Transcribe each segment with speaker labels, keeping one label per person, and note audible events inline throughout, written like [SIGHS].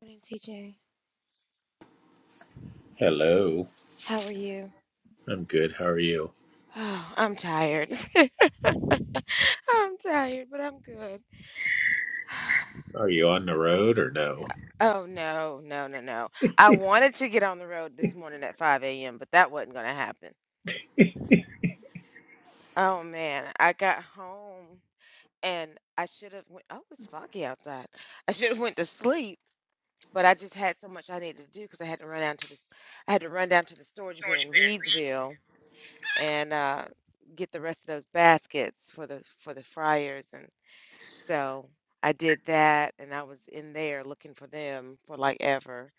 Speaker 1: Morning, TJ.
Speaker 2: Hello.
Speaker 1: How are you?
Speaker 2: I'm good. How are you?
Speaker 1: Oh, I'm tired. [LAUGHS] I'm tired, but I'm good. [SIGHS]
Speaker 2: Are you on the road or no?
Speaker 1: Oh, no, no, no, no. I wanted to get on the road this morning at 5 a.m., but that wasn't going to happen. Oh, man. I got home and I should have went. Oh, it's foggy outside. I should have went to sleep, but I just had so much I needed to do because I had to run down to the, s- I had to run down to the storage bin in Reedsville and uh, get the rest of those baskets for the for the fryers and. So I did that and I was in there looking for them for like ever.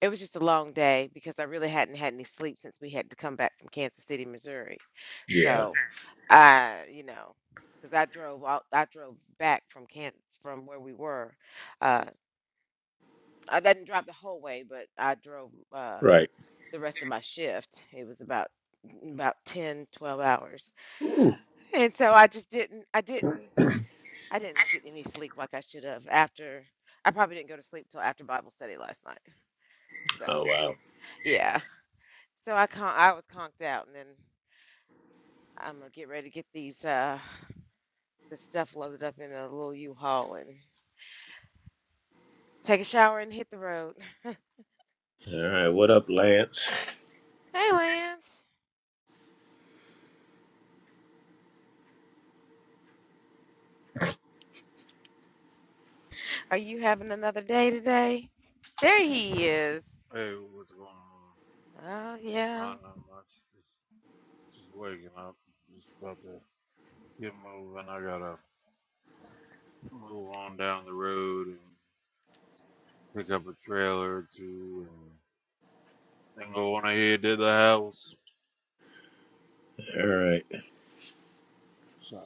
Speaker 1: It was just a long day because I really hadn't had any sleep since we had to come back from Kansas City, Missouri.
Speaker 2: Yeah.
Speaker 1: So I, you know, because I drove out, I drove back from Kansas from where we were. Uh, I didn't drive the whole way, but I drove uh,
Speaker 2: Right.
Speaker 1: the rest of my shift. It was about about 10, 12 hours.
Speaker 2: Ooh.
Speaker 1: And so I just didn't, I didn't. I didn't get any sleep like I should have after I probably didn't go to sleep till after Bible study last night.
Speaker 2: Oh
Speaker 1: So
Speaker 2: wow.
Speaker 1: yeah. So I con- I was conked out and then I'm gonna get ready to get these uh the stuff loaded up in a little U-Haul and take a shower and hit the road.
Speaker 2: All right. What up, Lance?
Speaker 1: Hey Lance. Are you having another day today? There he is.
Speaker 3: Hey, what's going on?
Speaker 1: Oh
Speaker 3: I
Speaker 1: yeah.
Speaker 3: don't know much. Just, just waking up. Just about to get moving. I gotta move on down the road and pick up a trailer or two and then go on ahead to the house.
Speaker 2: All right.
Speaker 3: So,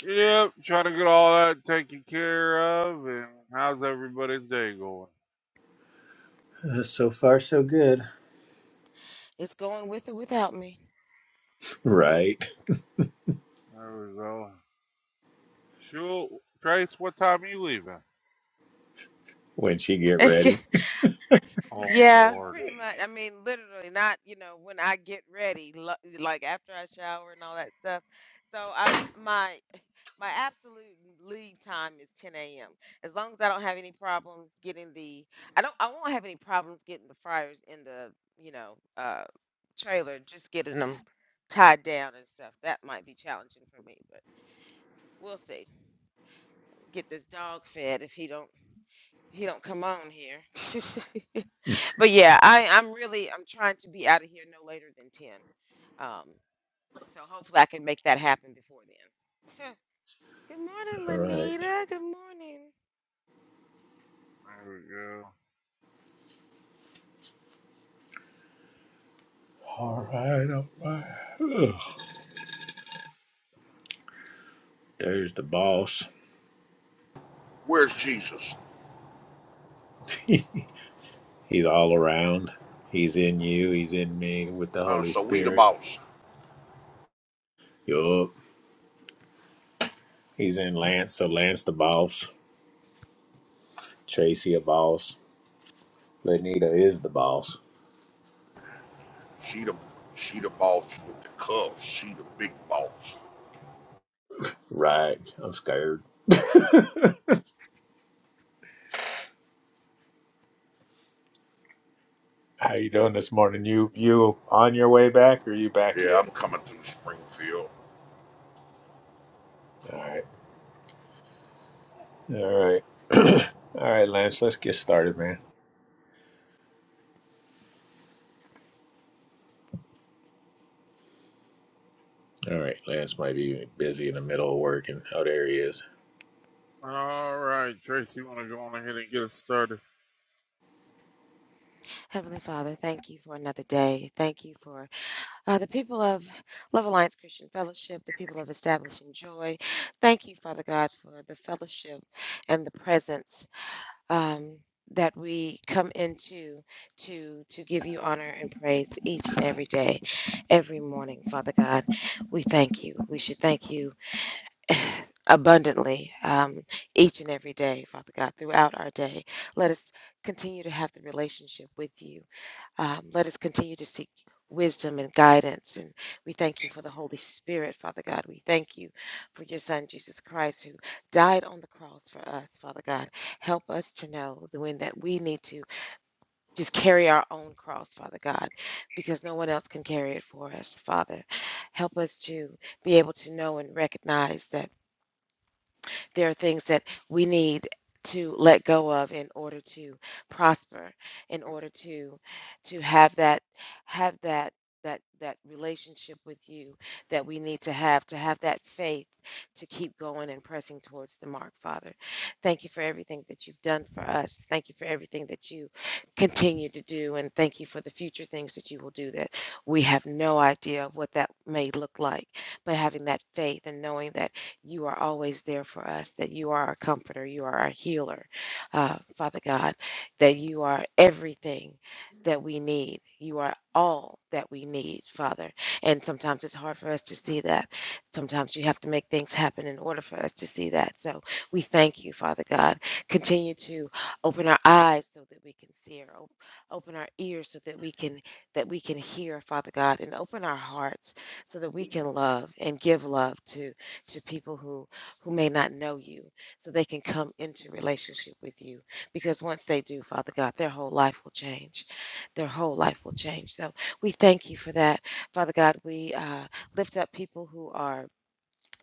Speaker 3: yep, trying to get all that taken care of. And how's everybody's day going?
Speaker 2: Uh, so far, so good.
Speaker 1: It's going with or without me.
Speaker 2: Right.
Speaker 3: There we go. Sure. Trace, what time are you leaving?
Speaker 2: When she get
Speaker 1: [LAUGHS]
Speaker 2: ready.
Speaker 3: Oh,
Speaker 1: Yeah,
Speaker 3: Lord.
Speaker 1: pretty much. I mean, literally, not, you know, when I get ready, lo- like after I shower and all that stuff. So I'm my my absolute leave time is 10 a.m. As long as I don't have any problems getting the, I don't, I won't have any problems getting the fryers in the, you know, uh, trailer. Just getting them tied down and stuff. That might be challenging for me, but we'll see. Get this dog fed if he don't he don't come on here. [LAUGHS]
Speaker 2: [LAUGHS] All
Speaker 1: But yeah, I, I'm really I'm trying to be out of here no later than ten. Um, so hopefully I can make that happen before then. [LAUGHS] Huh. Good morning,
Speaker 2: right.
Speaker 1: Lenita. Good morning.
Speaker 3: There we go.
Speaker 2: All right. All right. Ugh. There's the boss.
Speaker 4: Where's Jesus?
Speaker 2: [LAUGHS] He's all around. He's in you. He's in me with the
Speaker 4: Uh,
Speaker 2: Holy
Speaker 4: so we the
Speaker 2: Spirit.
Speaker 4: boss.
Speaker 2: Yup. He's in Lance. So Lance the boss. Tracy a boss. Lenita is the boss.
Speaker 4: She the she the boss with the cuffs. She the big boss.
Speaker 2: Right. I'm scared. How you doing this morning? You you on your way back or you back
Speaker 4: Yeah,
Speaker 2: yet?
Speaker 4: I'm coming through Springfield,
Speaker 2: All right. All right. [CLEARS THROAT] All right, Lance, let's get started, man. All right, Lance might be busy in the middle of work and oh there he is.
Speaker 3: All right, Trace, you want to go on ahead and get us started?
Speaker 1: Heavenly Father, thank you for another day. Thank you for uh, the people of Love Alliance Christian Fellowship, the people of Establishing Joy. Thank you, Father God, for the fellowship and the presence. um, that we come into to to give you honor and praise each and every day, every morning, Father God. We thank you. We should thank you [SIGHS] abundantly um, each and every day, Father God, throughout our day. Let us continue to have the relationship with you. Um, let us continue to seek wisdom and guidance. And we thank you for the Holy Spirit, Father God. We thank you for your Son, Jesus Christ, who died on the cross for us, Father God. Help us to know the when that we need to just carry our own cross, Father God, because no one else can carry it for us, Father. Help us to be able to know and recognize that. There are things that we need to let go of in order to prosper, in order to to have that have that that that relationship with you that we need to have to have that faith to keep going and pressing towards the mark, Father. Thank you for everything that you've done for us. Thank you for everything that you continue to do and thank you for the future things that you will do that we have no idea what that may look like, but having that faith and knowing that you are always there for us, that you are our comforter, you are our healer, uh, Father God, that you are everything that we need. You are all that we need, Father. And sometimes it's hard for us to see that. Sometimes you have to make things happen in order for us to see that. So we thank you, Father God. Continue to open our eyes so that we can see or op- open our ears so that we can that we can hear, Father God, and open our hearts so that we can love and give love to to people who who may not know you so they can come into relationship with you because once they do father god their whole life will change their whole life will change so we thank you for that father god we uh, lift up people who are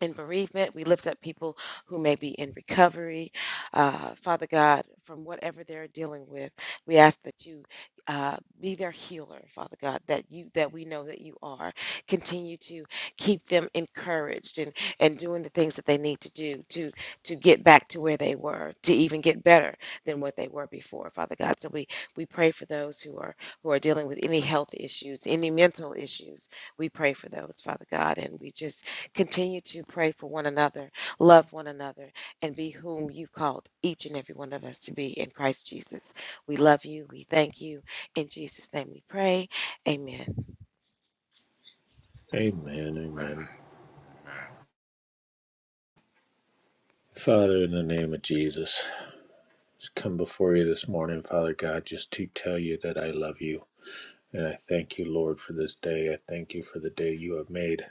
Speaker 1: in bereavement. We lift up people who may be in recovery. Uh, Father God, from whatever they're dealing with, we ask that you uh, be their healer, Father God, that you that we know that you are. Continue to keep them encouraged and and doing the things that they need to do to to get back to where they were, to even get better than what they were before, Father God. So we we pray for those who are who are dealing with any health issues, any mental issues. We pray for those, Father God, and we just Continue to pray for one another, love one another, and be whom you've called each and every one of us to be in Christ Jesus. We love you. We thank you. In Jesus' name we pray. Amen.
Speaker 2: Amen,
Speaker 4: man.
Speaker 2: amen. Father, in the name of Jesus, just come before you this morning, Father God, just to tell you that I love you. And I thank you, Lord, for this day. I thank you for the day you have made.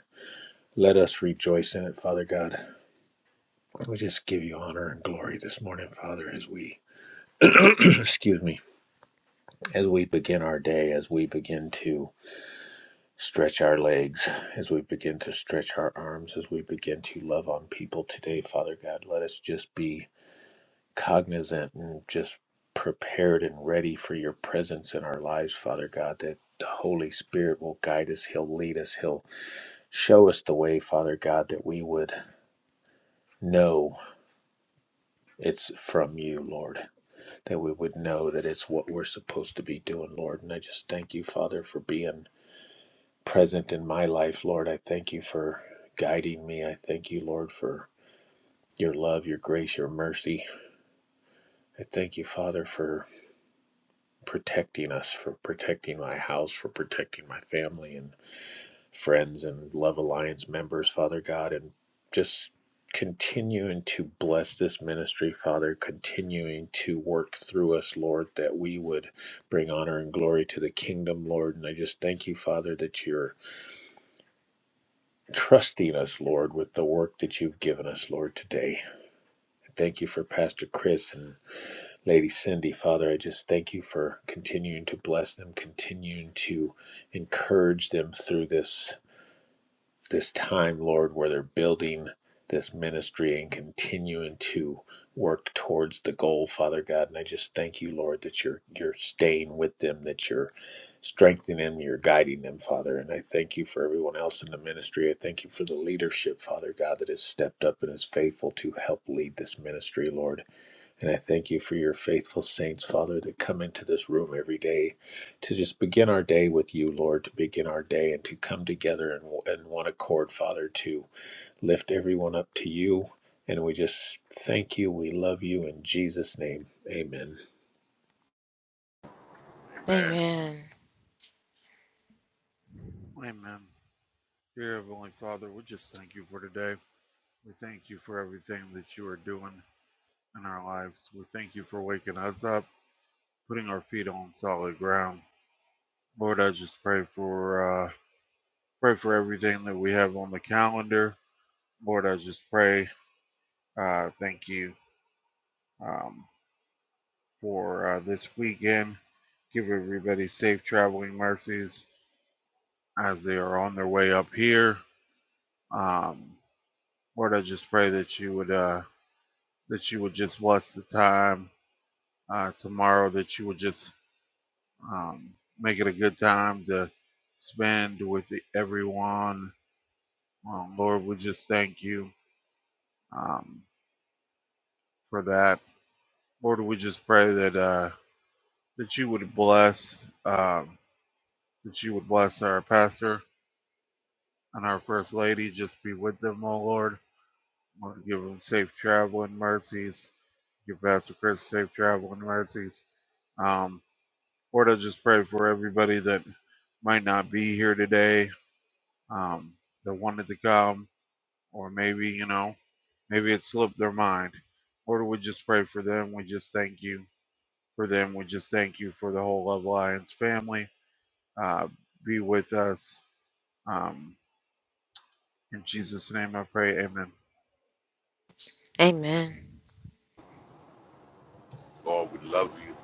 Speaker 2: Let us rejoice in it, Father God. We just give you honor and glory this morning, Father, as we [CLEARS THROAT] excuse me, as we begin our day, as we begin to stretch our legs, as we begin to stretch our arms, as we begin to love on people today, Father God, let us just be cognizant and just prepared and ready for your presence in our lives, Father God, that the Holy Spirit will guide us, He'll lead us, He'll show us the way, Father God, that we would know it's from you, Lord that we would know that it's what we're supposed to be doing, Lord. And I just thank you, Father, for being present in my life, Lord. I thank you for guiding me. I thank you, Lord, for your love, your grace, your mercy. I thank you, Father, for protecting us, for protecting my house, for protecting my family and friends and Love Alliance members, Father God, and just continuing to bless this ministry, Father, continuing to work through us, Lord, that we would bring honor and glory to the kingdom, Lord. And I just thank you, Father, that you're trusting us, Lord, with the work that you've given us, Lord, today. Thank you for Pastor Chris and Lady Cindy, Father. I just thank you for continuing to bless them, continuing to encourage them through this this time, Lord, where they're building this ministry and continuing to work towards the goal, Father God. And I just thank you, Lord, that you're you're staying with them, that you're strengthening them, you're guiding them, Father. And I thank you for everyone else in the ministry. I thank you for the leadership, Father God, that has stepped up and is faithful to help lead this ministry, Lord. And I thank you for your faithful saints, Father, that come into this room every day to just begin our day with you, Lord, to begin our day and to come together in, in one accord, Father, to lift everyone up to you. And we just thank you. We love you in Jesus' name. Amen.
Speaker 4: Amen.
Speaker 1: Amen.
Speaker 3: Amen. Dear Heavenly Father, we just thank you for today. We thank you for everything that you are doing in our lives. We thank you for waking us up, putting our feet on solid ground. Lord, I just pray for uh, pray for everything that we have on the calendar. Lord, I just pray. Uh, thank you um, for uh, this weekend. Give everybody safe traveling mercies as they are on their way up here. Um, Lord, I just pray that you would. Uh, that you would just bless the time uh, tomorrow, that you would just um, make it a good time to spend with everyone. Um, Lord, we just thank you um, for that. Lord, we just pray that uh, that you would bless um, that you would bless our pastor and our first lady. Just be with them, oh Lord. Lord, give them safe travel and mercies. Give Pastor Chris safe travel and mercies. Um, Lord, I just pray for everybody that might not be here today, um, that wanted to come, or maybe, you know, maybe it slipped their mind. Lord, we just pray for them. We just thank you for them. We just thank you for the whole Love Alliance family. Uh, be with us. Um, in Jesus' name I pray. Amen.
Speaker 1: Amen.
Speaker 4: Lord, we love you.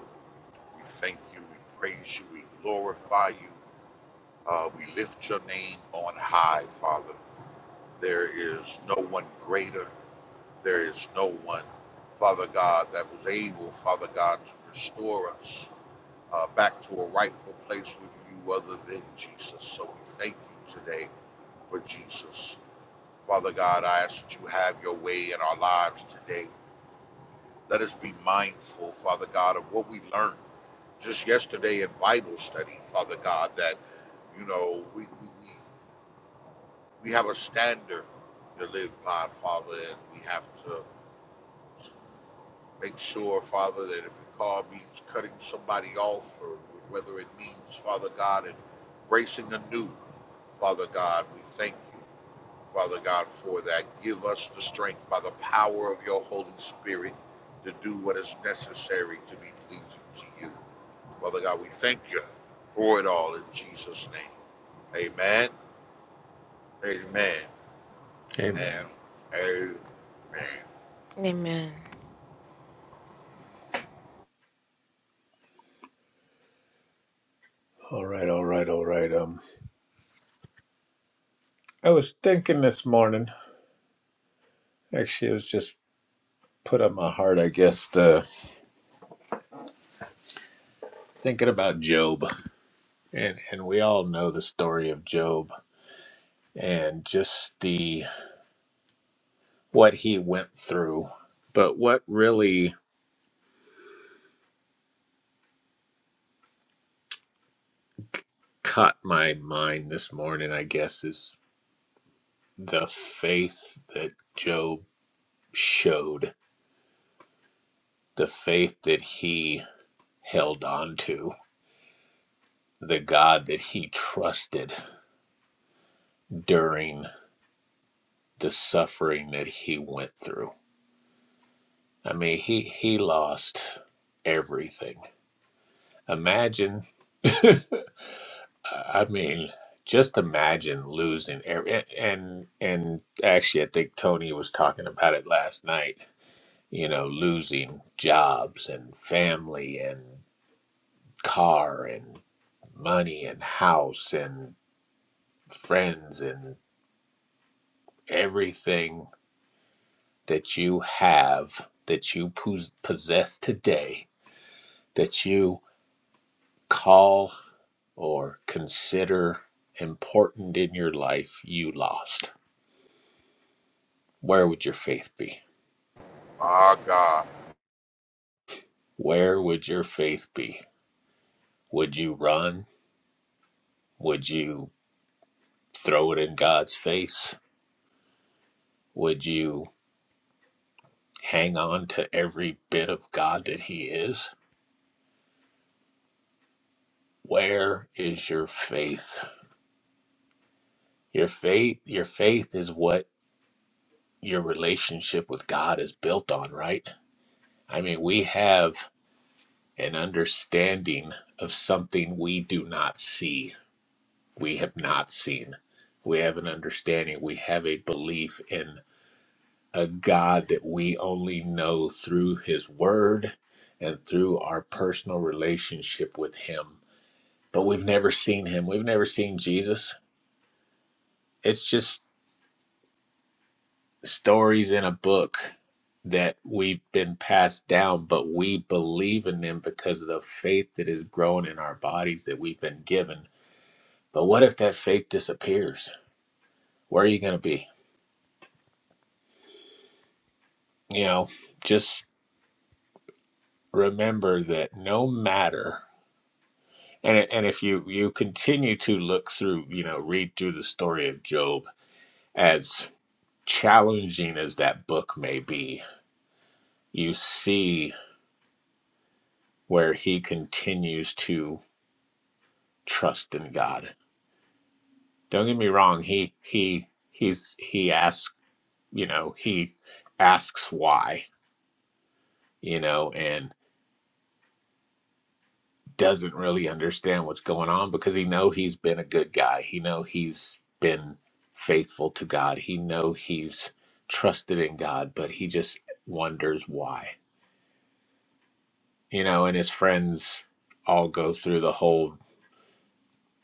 Speaker 4: We thank you. We praise you. We glorify you. Uh, we lift your name on high, Father. There is no one greater. There is no one, Father God, that was able, Father God, to restore us. uh, back to a rightful place with you other than Jesus. So we thank you today for Jesus. Father God, I ask that you have your way in our lives today. Let us be mindful, Father God, of what we learned just yesterday in Bible study, Father God, that, you know, we, we, we we have a standard to live by, Father, and we have to Make sure, Father, that if a car means cutting somebody off or whether it means, Father God, and racing anew, Father God, we thank you, Father God, for that. Give us the strength by the power of your Holy Spirit to do what is necessary to be pleasing to you. Father God, we thank you for it all in Jesus' name. Amen. Amen.
Speaker 2: Amen.
Speaker 4: And amen.
Speaker 1: Amen.
Speaker 2: All right, all right, all right. Um, I was thinking this morning. Actually, it was just put on my heart, I guess. The thinking about Job, and and we all know the story of Job, and just the what he went through. But what really caught my mind this morning, I guess, is the faith that Job showed, the faith that he held on to, the God that he trusted during the suffering that he went through. I mean, he, he lost everything. Imagine [LAUGHS] I mean, just imagine losing every and and actually, I think Tony was talking about it last night. You know, losing jobs and family and car and money and house and friends and everything that you have that you pos- possess today that you call or consider important in your life you lost where would your faith be
Speaker 4: My God.
Speaker 2: where would your faith be? Would you run? Would you throw it in God's face? Would you hang on to every bit of God that he is? Where is your faith? Your faith, your faith is what your relationship with God is built on, right? I mean, we have an understanding of something we do not see. We have not seen. We have an understanding. We have a belief in a God that we only know through His Word and through our personal relationship with Him. But we've never seen Him, we've never seen Jesus. It's just stories in a book that we've been passed down, but we believe in them because of the faith that is grown in our bodies that we've been given. But what if that faith disappears? Where are you going to be? You know, just remember that no matter. and it- and if you you continue to look through you know read through the story of job as challenging as that book may be you see where he continues to trust in god don't get me wrong he he he's he asks you know he asks why you know and. doesn't really understand what's going on because he know he's been a good guy. He know he's been faithful to God. He know he's trusted in God, but he just wonders why. You know, and his friends all go through the whole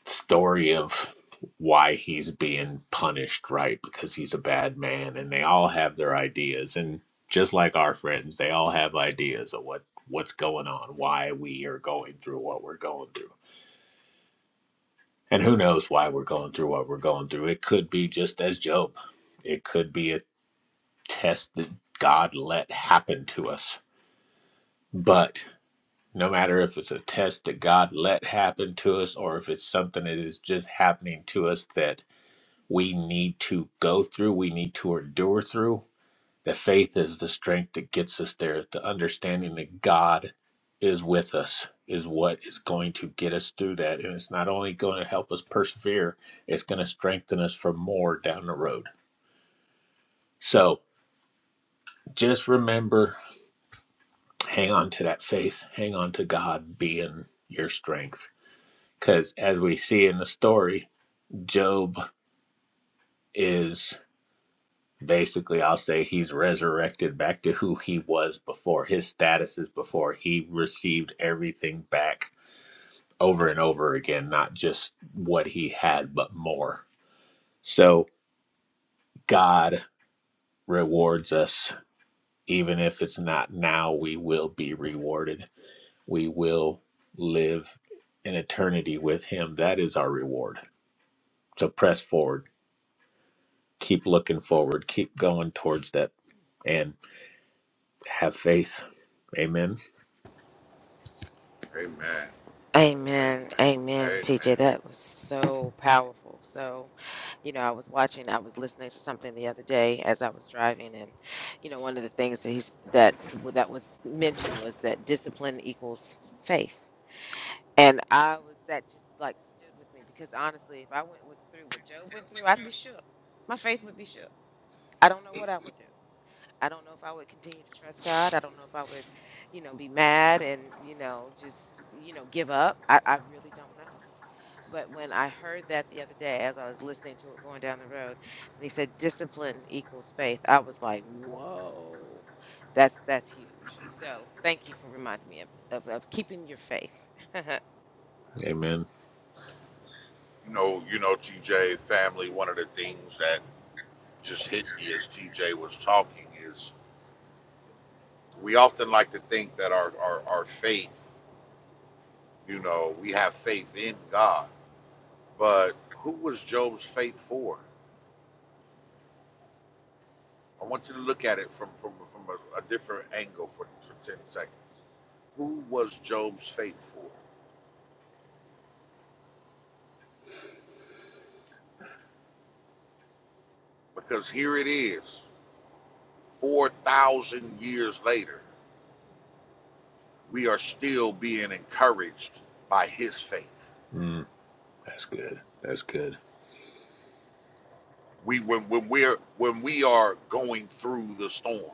Speaker 2: story of why he's being punished, right? Because he's a bad man and they all have their ideas and just like our friends, they all have ideas of what what's going on, why we are going through what we're going through And who knows why we're going through what we're going through? It could be just as Job, it could be a test that God let happen to us. But no matter if it's a test that God let happen to us or if it's something that is just happening to us that we need to go through, we need to endure through, that faith is the strength that gets us there. The understanding that God is with us is what is going to get us through that. And it's not only going to help us persevere, it's going to strengthen us for more down the road. So just remember hang on to that faith, hang on to God being your strength. Because as we see in the story, Job is. basically i'll say he's resurrected back to who he was before his status is before he received everything back over and over again not just what he had but more so god rewards us even if it's not now we will be rewarded we will live in eternity with him that is our reward so press forward keep looking forward keep going towards that and have faith amen
Speaker 4: Amen. Amen.
Speaker 1: Amen. Amen.
Speaker 4: Amen.
Speaker 1: TJ, that was so powerful. So, you know, I was watching, I was listening to something the other day as I was driving, and, you know, one of the things that he's that that was mentioned was that discipline equals faith And I was that just like stood with me because honestly, if I went with, through what Job went through, I'd be shook. My faith would be shook. I don't know what I would do. I don't know if I would continue to trust God. I don't know if I would, you know, be mad and, you know, just, you know, give up. I, I really don't know. But when I heard that the other day as I was listening to it going down the road, and he said discipline equals faith, I was like, whoa, that's that's huge. So thank you for reminding me of, of, of keeping your faith. [LAUGHS]
Speaker 2: Amen.
Speaker 4: You know, you know, TJ family. One of the things that just hit me as TJ was talking is we often like to think that our our, our faith, you know, we have faith in God, but who was Job's faith for? I want you to look at it from from from a, a different angle for, for ten seconds. who was Job's faith for? Because here it is, 4,000 years later, we are still being encouraged by his faith.
Speaker 2: Mm, that's good. That's good.
Speaker 4: we when when we're when we are going through the storm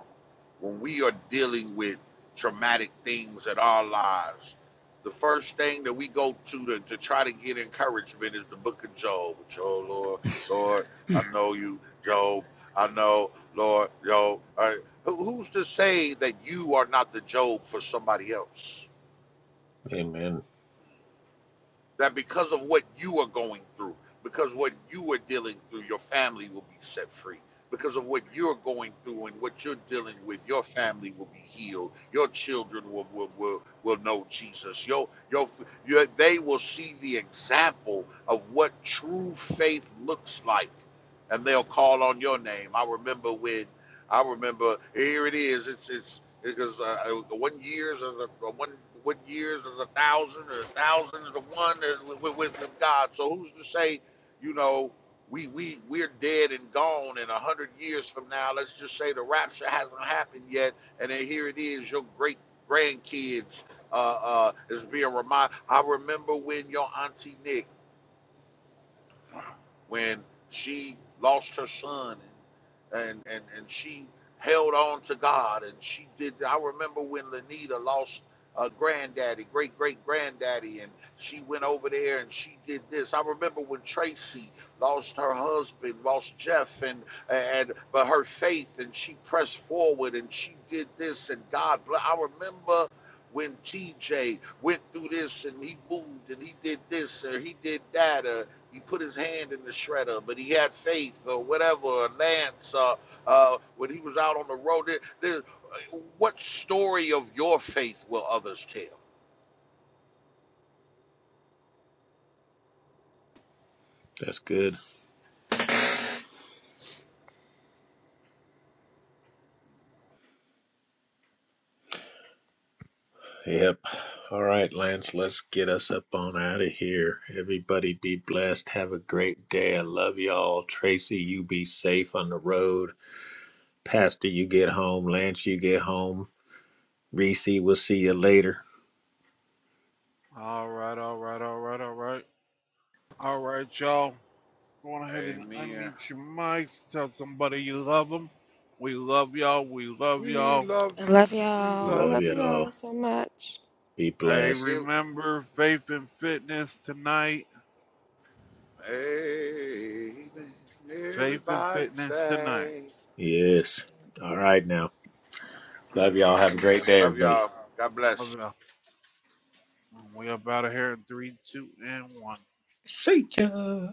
Speaker 4: when we are dealing with traumatic things in our lives the first thing that we go to to, to try to get encouragement is the book of job job lord lord i know you job i know lord job All right. Who- who's to say that you are not the job for somebody else
Speaker 2: Amen.
Speaker 4: that because of what you are going through, because what you are dealing through, your family will be set free. Because of what you're going through and what you're dealing with, your family will be healed. Your children will will, will, will know Jesus. Your, your, your, they will see the example of what true faith looks like, and they'll call on your name. I remember when, I remember here it is. It's it's because uh, uh, one years is a uh, one one years is a thousand, or a thousand is a one uh, with, with, with God. So who's to say, you know, we we we're dead and gone in a hundred years from now? Let's just say the rapture hasn't happened yet, and then here it is, your great grandkids uh, uh, is being reminded. I remember when your auntie Nick when she lost her son and and and she held on to God and she did I remember when Lenita lost a granddaddy, great great granddaddy, and she went over there and she did this. I remember when Tracy lost her husband, lost Jeff, and and but her faith and she pressed forward and she did this and God bless. I remember when TJ went through this and he moved and he did this and he did that. or. He put his hand in the shredder, but he had faith or whatever, or Lance, uh, uh, when he was out on the road. There, there, what story of your faith will others tell?
Speaker 2: That's good. Yep. All right, Lance, let's get us up on out of here. Everybody be blessed. Have a great day. I love y'all. Tracy, you be safe on the road. Pastor, you get home. Lance, you get home. Reese, we'll see you later.
Speaker 3: All right, all right, all right, all right. All right, y'all. Go on ahead and
Speaker 4: Amen.
Speaker 3: unmute your mics. Tell somebody you love them. We love y'all. We love
Speaker 4: We
Speaker 3: y'all.
Speaker 4: love
Speaker 1: I
Speaker 4: you.
Speaker 1: love
Speaker 4: We
Speaker 1: y'all.
Speaker 4: love
Speaker 2: Love
Speaker 1: Love
Speaker 4: you.
Speaker 2: y'all.
Speaker 1: y'all so much.
Speaker 2: Be
Speaker 3: I
Speaker 2: blessed.
Speaker 4: Give,
Speaker 3: remember Faith and Fitness tonight.
Speaker 4: amen.
Speaker 3: Faith and
Speaker 4: Everybody
Speaker 3: Fitness tonight.
Speaker 4: say,
Speaker 2: Yes. All right, now. Love y'all.
Speaker 4: [CLEARS THROAT]
Speaker 2: Have a
Speaker 4: Amen.
Speaker 2: great day,
Speaker 4: Love
Speaker 2: everybody.
Speaker 4: y'all. God bless.
Speaker 3: Love it. up. We up out of here in three, two, and one.
Speaker 2: See ya.